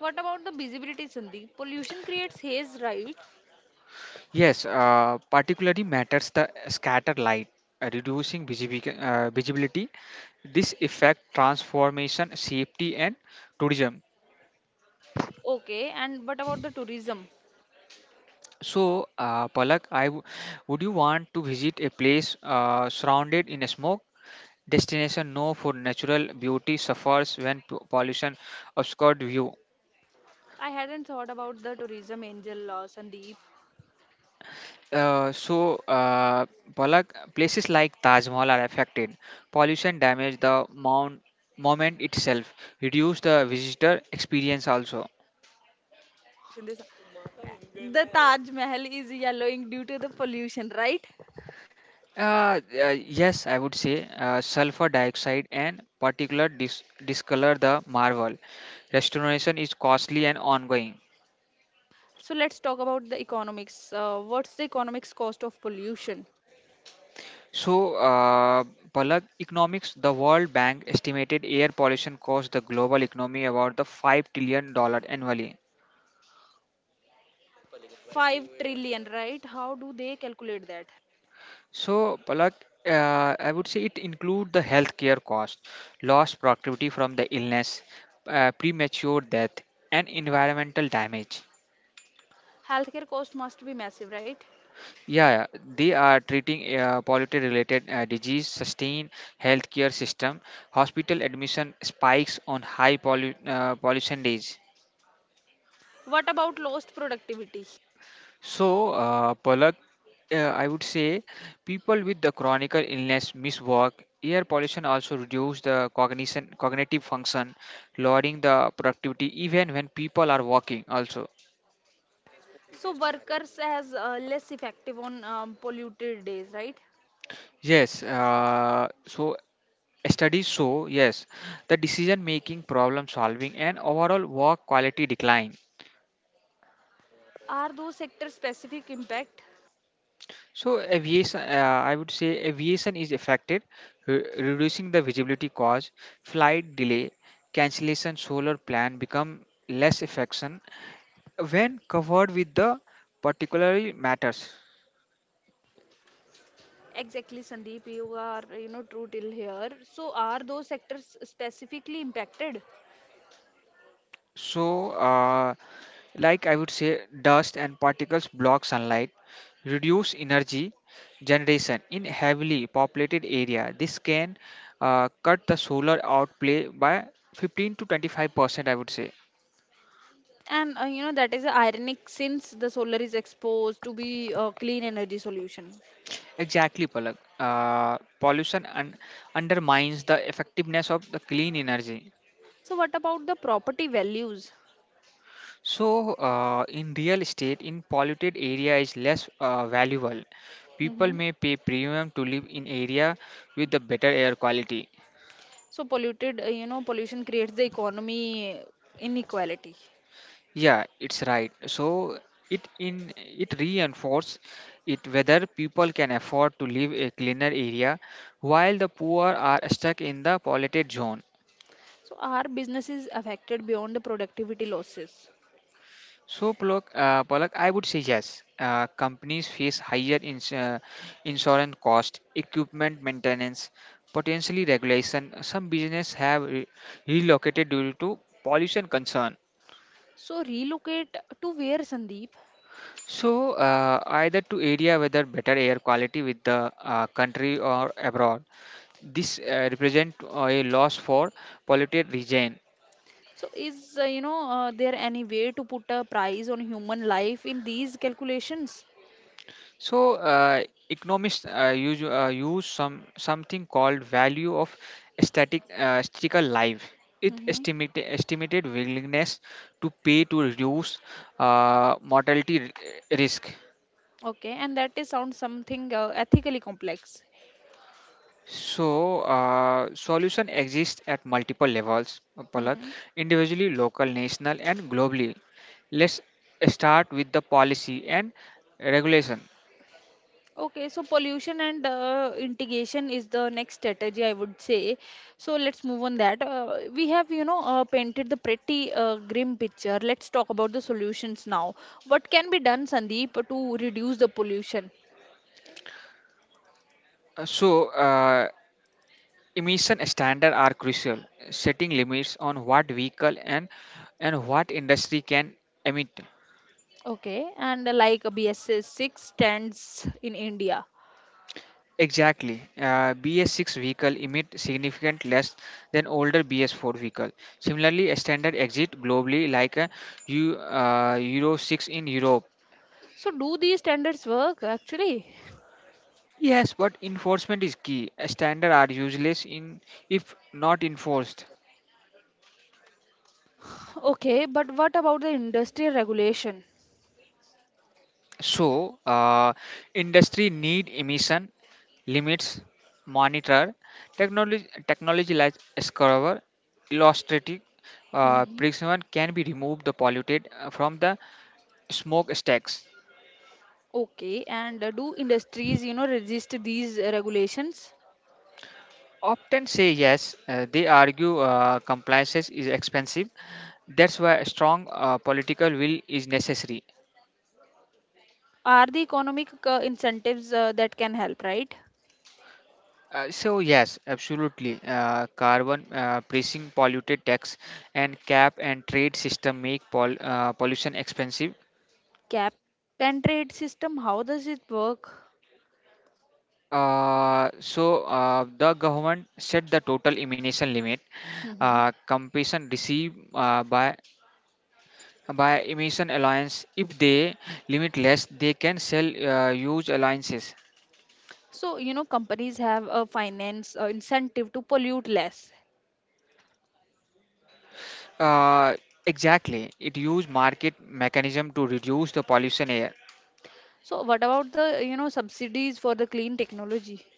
What about the visibility, Sandeep? Pollution creates haze, right?
Yes, particularly matters the scatter light, reducing visibility. This effect transformation, safety and tourism.
Okay, and what about the tourism?
So, Palak, would you want to visit a place surrounded in smoke? Destination known for natural beauty suffers when pollution obscured view.
I hadn't thought about the tourism angel, Sandeep.
Uh, so, uh, Palak, places like Taj Mahal are affected. Pollution damage the monument itself, reduce the visitor experience also.
Sandeep, the Taj Mahal is yellowing due to the pollution, right?
Uh, uh, yes, I would say sulfur dioxide and particular discolor the marble. Restoration is costly and ongoing.
So let's talk about the economics. What's the economics cost of pollution?
So, Palak Economics, the World Bank estimated air pollution cost the global economy about the $5 trillion annually.
5 trillion, right? How do they calculate that?
So, Palak, I would say it include the healthcare cost, lost productivity from the illness, premature death, and environmental damage.
Healthcare cost must be massive, right?
Yeah, they are treating poverty-related disease, sustain healthcare system, hospital admission spikes on high pollution days.
What about lost productivity?
So, Palak, I would say people with the chronic illness miss work. Air pollution also reduce the cognition, cognitive function, lowering the productivity even when people are working. Also,
So workers as less effective on polluted days, right?
yes. So studies show, yes, the decision making, problem solving, and overall work quality decline.
Are those sector specific impact?
So, aviation, I would say aviation is affected, reducing the visibility cause, flight delay, cancellation, solar plan become less effective when covered with the particular matters.
Exactly, Sandeep, you are you know true till here. So are those sectors specifically impacted?
So, like I would say, dust and particles block sunlight, reduce energy generation in heavily populated area. This can cut the solar outplay by 15 to 25%. I would say
And you know that is ironic since the solar is exposed to be a clean energy solution.
exactly, Palak. Pollution undermines the effectiveness of the clean energy.
So what about the property values?
So, in real estate, in polluted area is less valuable. People
Hmm.
may pay premium to live in area with the better air quality.
So polluted, pollution creates the economy inequality.
Yeah, it's right. So it reinforce it whether people can afford to live a cleaner area while the poor are stuck in the polluted zone.
So our business is affected beyond the productivity losses.
So, Polak, I would say yes. Companies face higher insurance cost, equipment maintenance, potentially regulation. Some business have relocated due to pollution concern.
So relocate to where, Sandeep?
So, either to area whether better air quality with the country or abroad. This represent a loss for polluted region.
So is there any way to put a price on human life in these calculations?
So economists use some something called value of static statical life. It
Hmm.
estimated estimated willingness to pay to reduce mortality risk.
Okay, and that is sound something ethically complex.
So solution exists at multiple levels, Palak,
Mhm.
individually, local, national, and globally. Let's start with the policy and regulation.
Okay, so pollution and integration is the next strategy, I would say. So let's move on that. We have, painted the pretty grim picture. Let's talk about the solutions now. What can be done, Sandeep, to reduce the pollution?
Uh, So, uh, Emission standards are crucial, setting limits on what vehicle and what industry can emit.
Okay, and BSS 6 stands in India.
Exactly. BS6 vehicle emit significant less than older BS4 vehicle. Similarly, a standard exit globally like a Euro 6 in Europe.
So do these standards work actually?
Yes, but enforcement is key. A standard are useless in if not enforced.
Okay, but what about the industrial regulation?
So, industry need emission limits, monitor technology. Technology like Escobar, illustrative
Mhm.
precision can be removed the polluted from the smokestacks.
Okay, and do industries, you know, resist these regulations?
Often say yes. They argue compliance is expensive. That's why a strong political will is necessary.
Are the economic incentives that can help, right?
Yes, absolutely. Carbon pricing, polluted tax, and cap and trade system make pollution expensive.
Cap and trade system, how does it work?
The government set the total emission limit.
Hmm.
Compensation received by emission alliance. If they limit less, they can sell huge alliances.
So, you know, companies have a finance incentive to pollute less.
Uh, exactly, it use market mechanism to reduce the pollution. Uh,
So, what about the, you know, subsidies for the clean technology?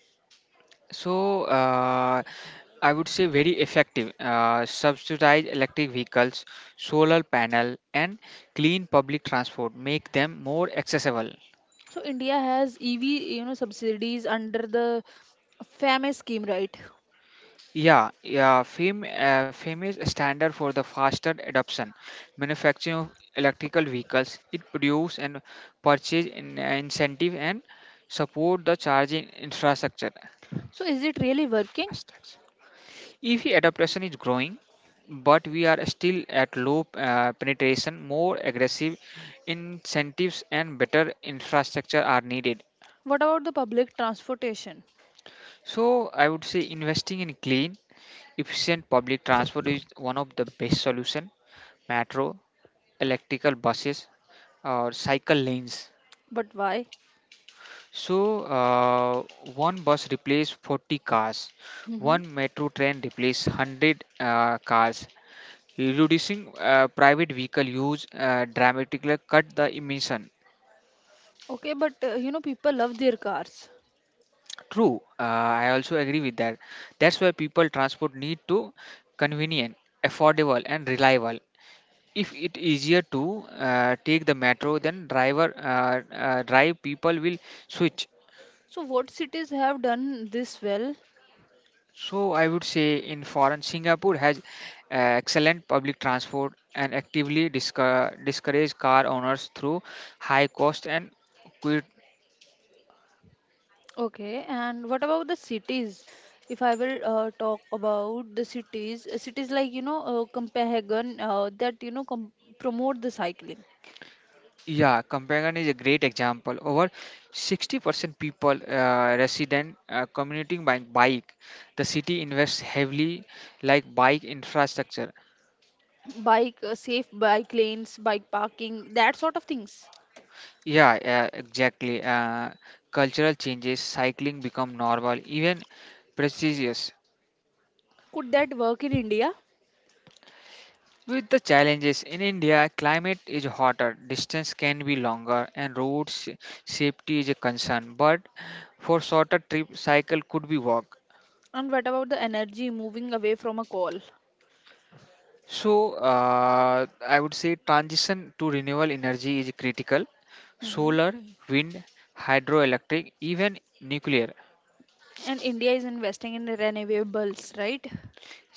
So I would say very effective. Subsidize electric vehicles, solar panel, and clean public transport. Make them more accessible.
So, India has EV, you know, subsidies under the FAME scheme, right?
Yeah. Fame is a standard for the faster adoption. Manufacturing of electrical vehicles. It produce and purchase in, incentive and support the charging infrastructure.
So, is it really working?
EV adoption is growing, but we are still at low penetration. More aggressive incentives and better infrastructure are needed.
What about the public transportation?
So I would say investing in clean, efficient public transport is one of the best solution. Metro, electrical buses, or cycle lanes.
But why?
So one bus replaces 40 cars,
Hmm.
one metro train replaces 100 cars, reducing private vehicle use dramatically cut the emission.
Okay, but you know, people love their cars.
True, I also agree with that. That's why people transport need to convenient, affordable, and reliable. If it easier to take the metro, then drive people will switch.
So, what cities have done this well?
So I would say in foreign Singapore has excellent public transport and actively discourage car owners through high cost and
Okay, and what about the cities? If I will talk about the cities, cities like you know Copenhagen that you know promote the cycling,
Yeah, Copenhagen is a great example. Over 60% people resident commuting by bike. The city invests heavily like bike infrastructure.
bike safe bike lanes, bike parking, that sort of things.
Yeah, exactly. Cultural changes, cycling become normal, even prestigious.
Could that work in India?
With the challenges in India, climate is hotter, distance can be longer, and roads safety is a concern. But for shorter trip, cycle could be walk.
And what about the energy moving away from a coal?
So, I would say transition to renewable energy is critical.
Hmm.
Solar, wind, hydroelectric, even nuclear.
And India is investing in the renewables, right?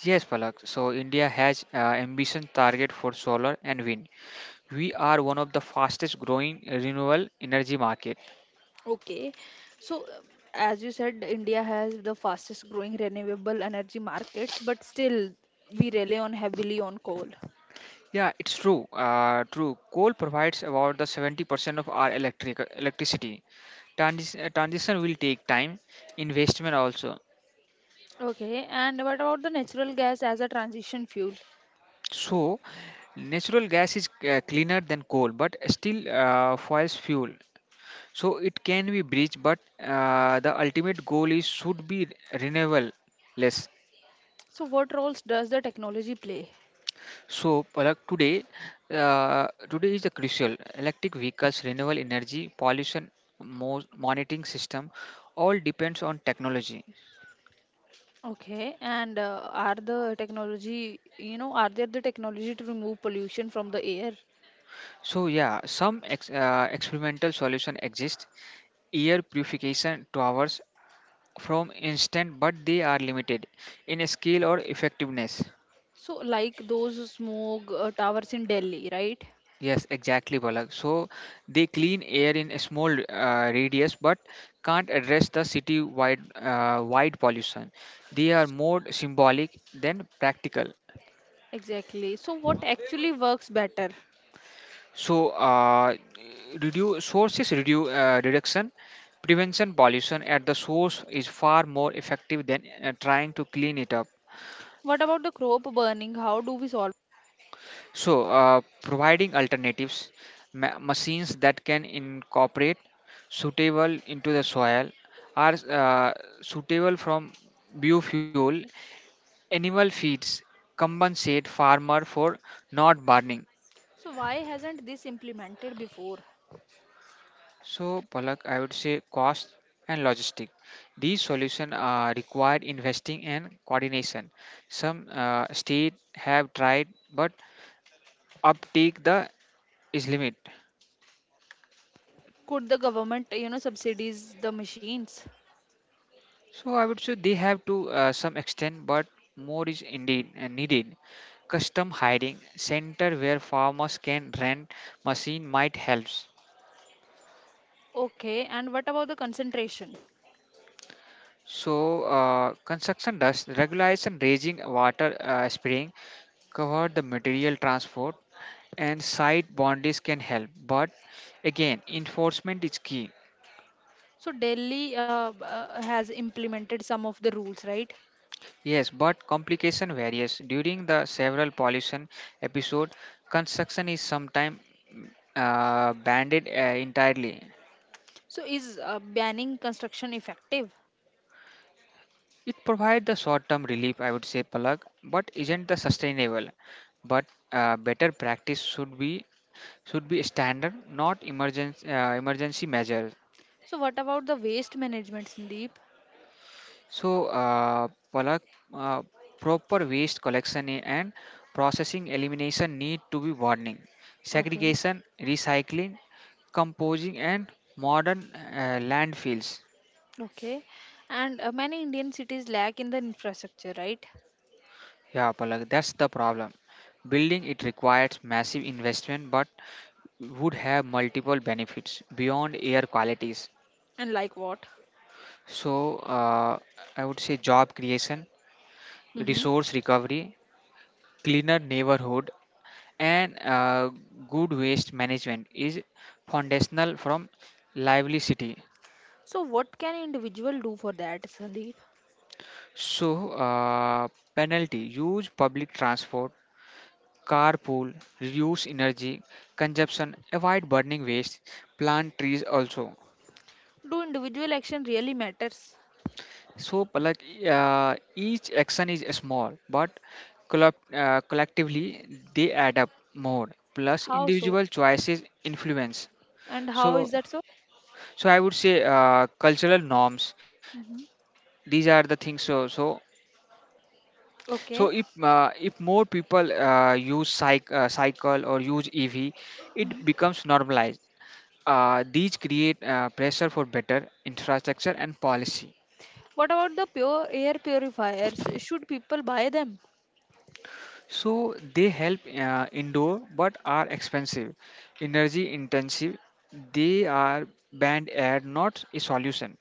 Yes, Palak. So, India has ambition target for solar and wind. We are one of the fastest growing renewable energy market.
Okay. So, as you said, India has the fastest growing renewable energy markets, but still we rely on heavily on coal.
Yeah, it's true. Coal provides about the 70% of our electricity. Transition will take time, investment also.
Okay, and what about the natural gas as a transition fuel?
So, natural gas is cleaner than coal, but still fuel. So it can be breached, but the ultimate goal is should be renewable less.
So, what roles does the technology play?
So, Palak, today is the crucial. Electric vehicles, renewable energy, pollution monitoring system, all depends on technology.
Okay, and are the technology, you know, are there the technology to remove pollution from the air?
So, yeah, some experimental solution exist. Air purification towers from instant but they are limited in scale or effectiveness.
So, like those smoke towers in Delhi, right?
Yes, exactly Balak. So they clean air in a small radius but can't address the city wide wide pollution. They are more symbolic than practical.
Exactly. So, what actually works better?
So uh, reduce sources reduce uh, reduction prevention pollution at the source is far more effective than trying to clean it up.
What about the crop burning? How do we solve?
So, providing alternatives, machines that can incorporate suitable into the soil are suitable from biofuel. Animal feeds compensate farmer for not burning.
So why hasn't this implemented before?
So, Palak, I would say cost and logistic. These solutions are required investing and coordination. Some states have tried, but uptake the is limit.
Could the government, you know, subsidies the machines?
So I would say they have to some extent, but more is indeed needed. Custom hiring center where farmers can rent machine might helps.
Okay, and what about the concentration?
So construction dust regulation, raising water spraying, cover the material transport, and site boundaries can help. But again, enforcement is key.
So Delhi has implemented some of the rules, right?
Yes, but complication varies. During the several pollution episode, construction is sometimes banned entirely.
So is banning construction effective?
It provides the short-term relief, I would say, Palak, but isn't the sustainable. But better practice should be standard, not emergency emergency measure.
So what about the waste management, Sandeep?
So, uh, Palak, uh, proper waste collection and processing elimination need to be warning.
Okay,
Segregation, recycling, composing, and modern landfills.
okay, and many Indian cities lack in the infrastructure, right?
Yeah, Palak, that's the problem. Building it requires massive investment but would have multiple benefits beyond air qualities.
And like what?
So, uh, I would say job creation,
Mm-hmm.
resource recovery, cleaner neighborhood, and good waste management is foundational from lively city.
So what can individual do for that, Sandeep?
So uh, penalty: use public transport, carpool, reduce energy consumption, avoid burning waste, plant trees also.
Do individual action really matters?
So like each action is small, but collectively they add up more. Plus
How so?
individual choices influence.
And how
So
is that so?
so I would say cultural norms.
Hmm.
These are the things so
Okay.
if more people use cycle or use ev, it becomes normalized. These create pressure for better infrastructure and policy.
What about the pure air purifiers? Should people buy them?
So they help indoor but are expensive, energy intensive. They are banned air, not a solution.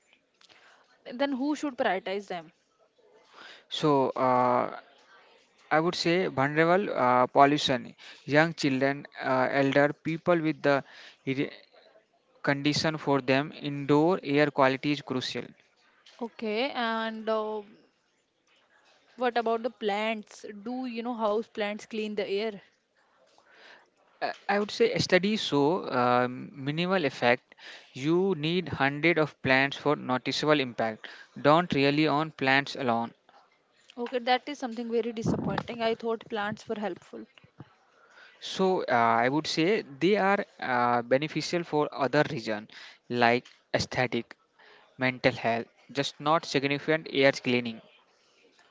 Then who should prioritize them?
so uh, I would say vulnerable pollution, young children, elder people with the condition. For them, indoor air quality is crucial.
Okay. And what about the plants? Do you know house plants clean the air?
I would say studies show minimal effect. You need hundred of plants for noticeable impact. Don't rely on plants alone.
Okay, that is something very disappointing. I thought plants were helpful.
I would say they are beneficial for other reason, like aesthetic, mental health, just not significant air cleaning.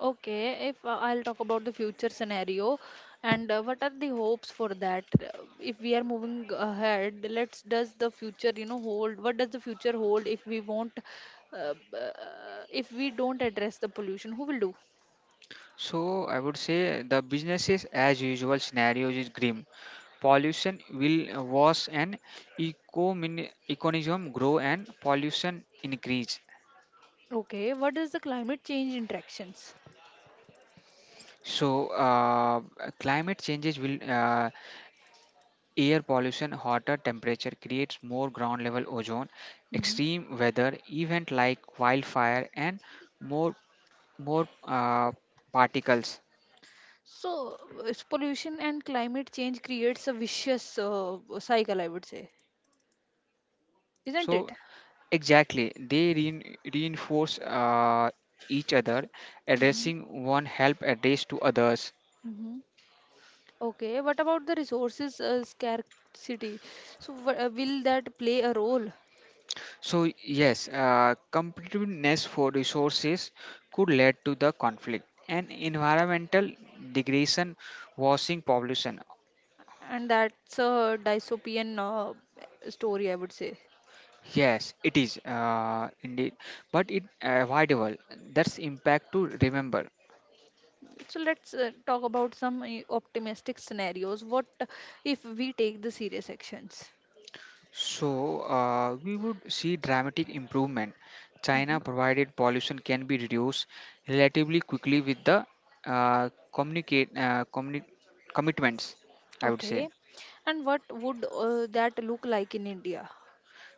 Okay, if I'll talk about the future scenario and what are the hopes for that? If we are moving ahead, let's does the future, you know, hold? What does the future hold if we won't, if we don't address the pollution? Who will do?
So I would say the businesses as usual scenarios is grim. Pollution will was an ecomin- economism grow and pollution increase.
Okay, what is the climate change interactions?
so uh, climate changes will air pollution. Hotter temperature creates more ground level ozone,
Hmm.
extreme weather event like wildfire and more more uh, particles.
So, pollution and climate change creates a vicious cycle, I would say, isn't
So
it?
exactly, they reinforce each other.
Mm-hmm.
Addressing one help address to others.
Mm-hmm. Okay, what about the resources scarcity? So, will that play a role?
So, yes, competitiveness for resources could lead to the conflict and environmental degradation, washing pollution.
And that's a dystopian story, I would say.
Yes, it is indeed, but it avoidable. That's impact to remember.
So, let's talk about some optimistic scenarios. What if we take the serious actions?
We would see dramatic improvement. China provided pollution can be reduced relatively quickly with the uh, communicate uh, communi- commitments. I would say.
Okay, and what would that look like in India?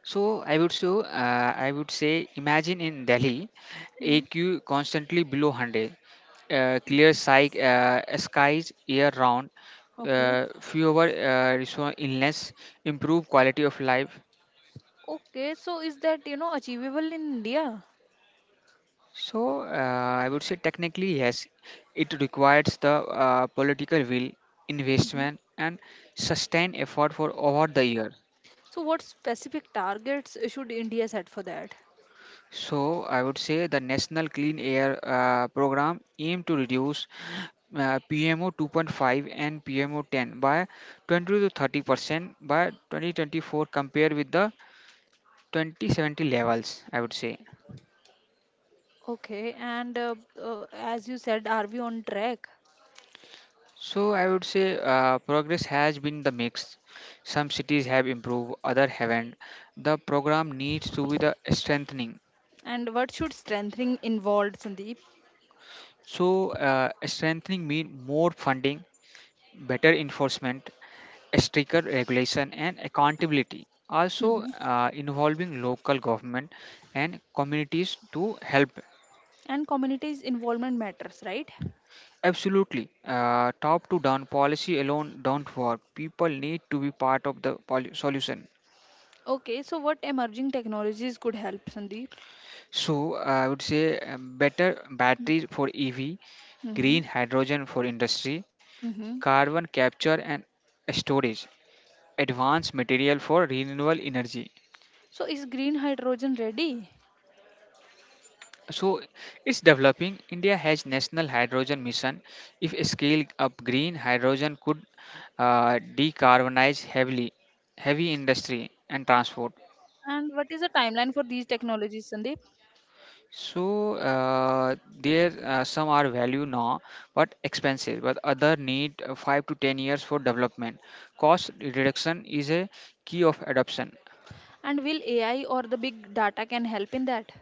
I would say imagine in Delhi,
Hmm.
AQ constantly below 100, clear sky, skies year round,
Okay.
fewer illness, improve quality of life.
Okay, so is that you know achievable in India?
So uh, I would say technically yes, it requires the political will, investment, and sustained effort for over the year.
So, what specific targets should India set for that?
So I would say the National Clean Air Program aim to reduce PMO 2.5 and PMO 10 by 20 to 30% by 2024 compared with the 2070 levels. I would say.
Okay, and as you said, are we on track?
So I would say progress has been the mix. Some cities have improved, other haven't. The program needs to be the strengthening.
And what should strengthening involved, Sandeep?
Strengthening mean more funding, better enforcement, stricter regulation and accountability, also
Hmm.
involving local government and communities to help.
And communities' involvement matters, right?
Absolutely, top to down policy alone don't work. People need to be part of the solution.
Okay, so what emerging technologies could help, Sandeep?
So I would say better batteries for ev,
Hmm.
green hydrogen for industry,
Hmm.
carbon capture and storage, advanced material for renewable energy.
So is green hydrogen ready?
So it's developing. India has national hydrogen mission. If scale up, green hydrogen could decarbonize heavily heavy industry and transport.
And what is the timeline for these technologies, Sandeep?
So uh, there some are value now, but expensive. But other need 5 to 10 years for development. Cost reduction is a key of adoption.
And will AI or the big data can help in that?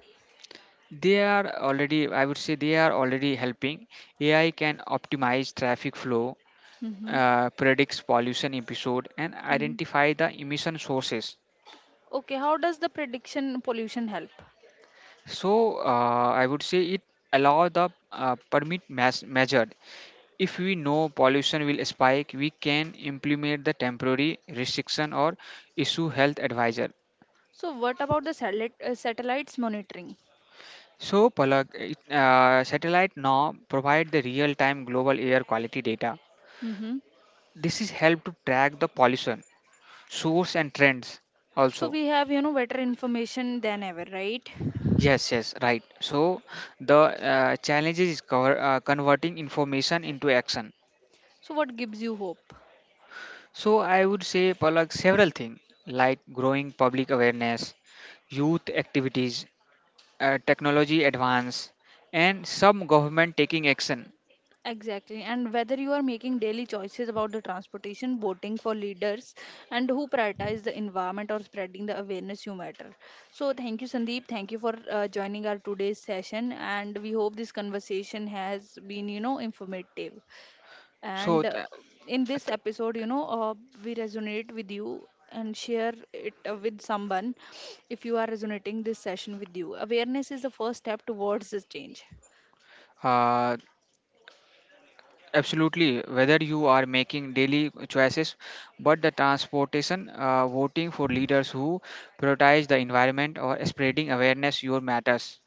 They are already, I would say, they are already helping. AI can optimize traffic flow,
Hmm.
predicts pollution episode and
Hmm.
identify the emission sources.
Okay, how does the prediction pollution help?
I would say it allow the measured. If we know pollution will spike, we can implement the temporary restriction or issue health advisor.
So what about the satellite, satellites monitoring?
So Palak, satellite now provide the real-time global air quality data.
Mm-hmm.
This is help to track the pollution source and trends
So
also.
we have, you know, better information than ever, right?
Yes, yes, right. So the challenge is converting information into action.
So what gives you hope?
So I would say Palak several things, like growing public awareness, youth activities, technology advance, and some government taking action.
Exactly. And whether you are making daily choices about the transportation, voting for leaders, and who prioritize the environment or spreading the awareness, you matter. So thank you, Sandeep. Thank you for joining our today's session. And we hope this conversation has been, you know, informative.
So
And
th-
in this
th-
episode, we resonate with you and share it with someone if you are resonating this session with you. Awareness is the first step towards this change.
uh, absolutely, whether you are making daily choices, but the transportation, voting for leaders who prioritize the environment or spreading awareness, your matters.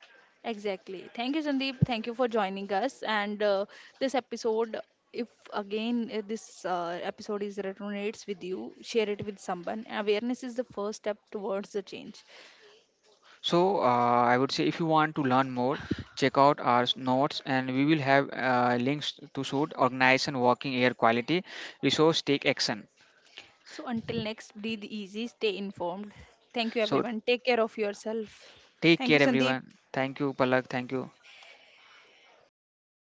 Exactly. Thank you, Sandeep. Thank you for joining us. And this episode, if again this episode is resonates with you, share it with someone. Awareness is the first step towards the change.
I would say if you want to learn more, check out our notes and we will have links to suit organization, working air quality, resource, take action.
So until next, breathe easy, stay informed. Thank you,
So,
everyone. Take care of yourself.
take
Thank you,
care,
Sandeep.
everyone. Thank you, Palak. Thank you.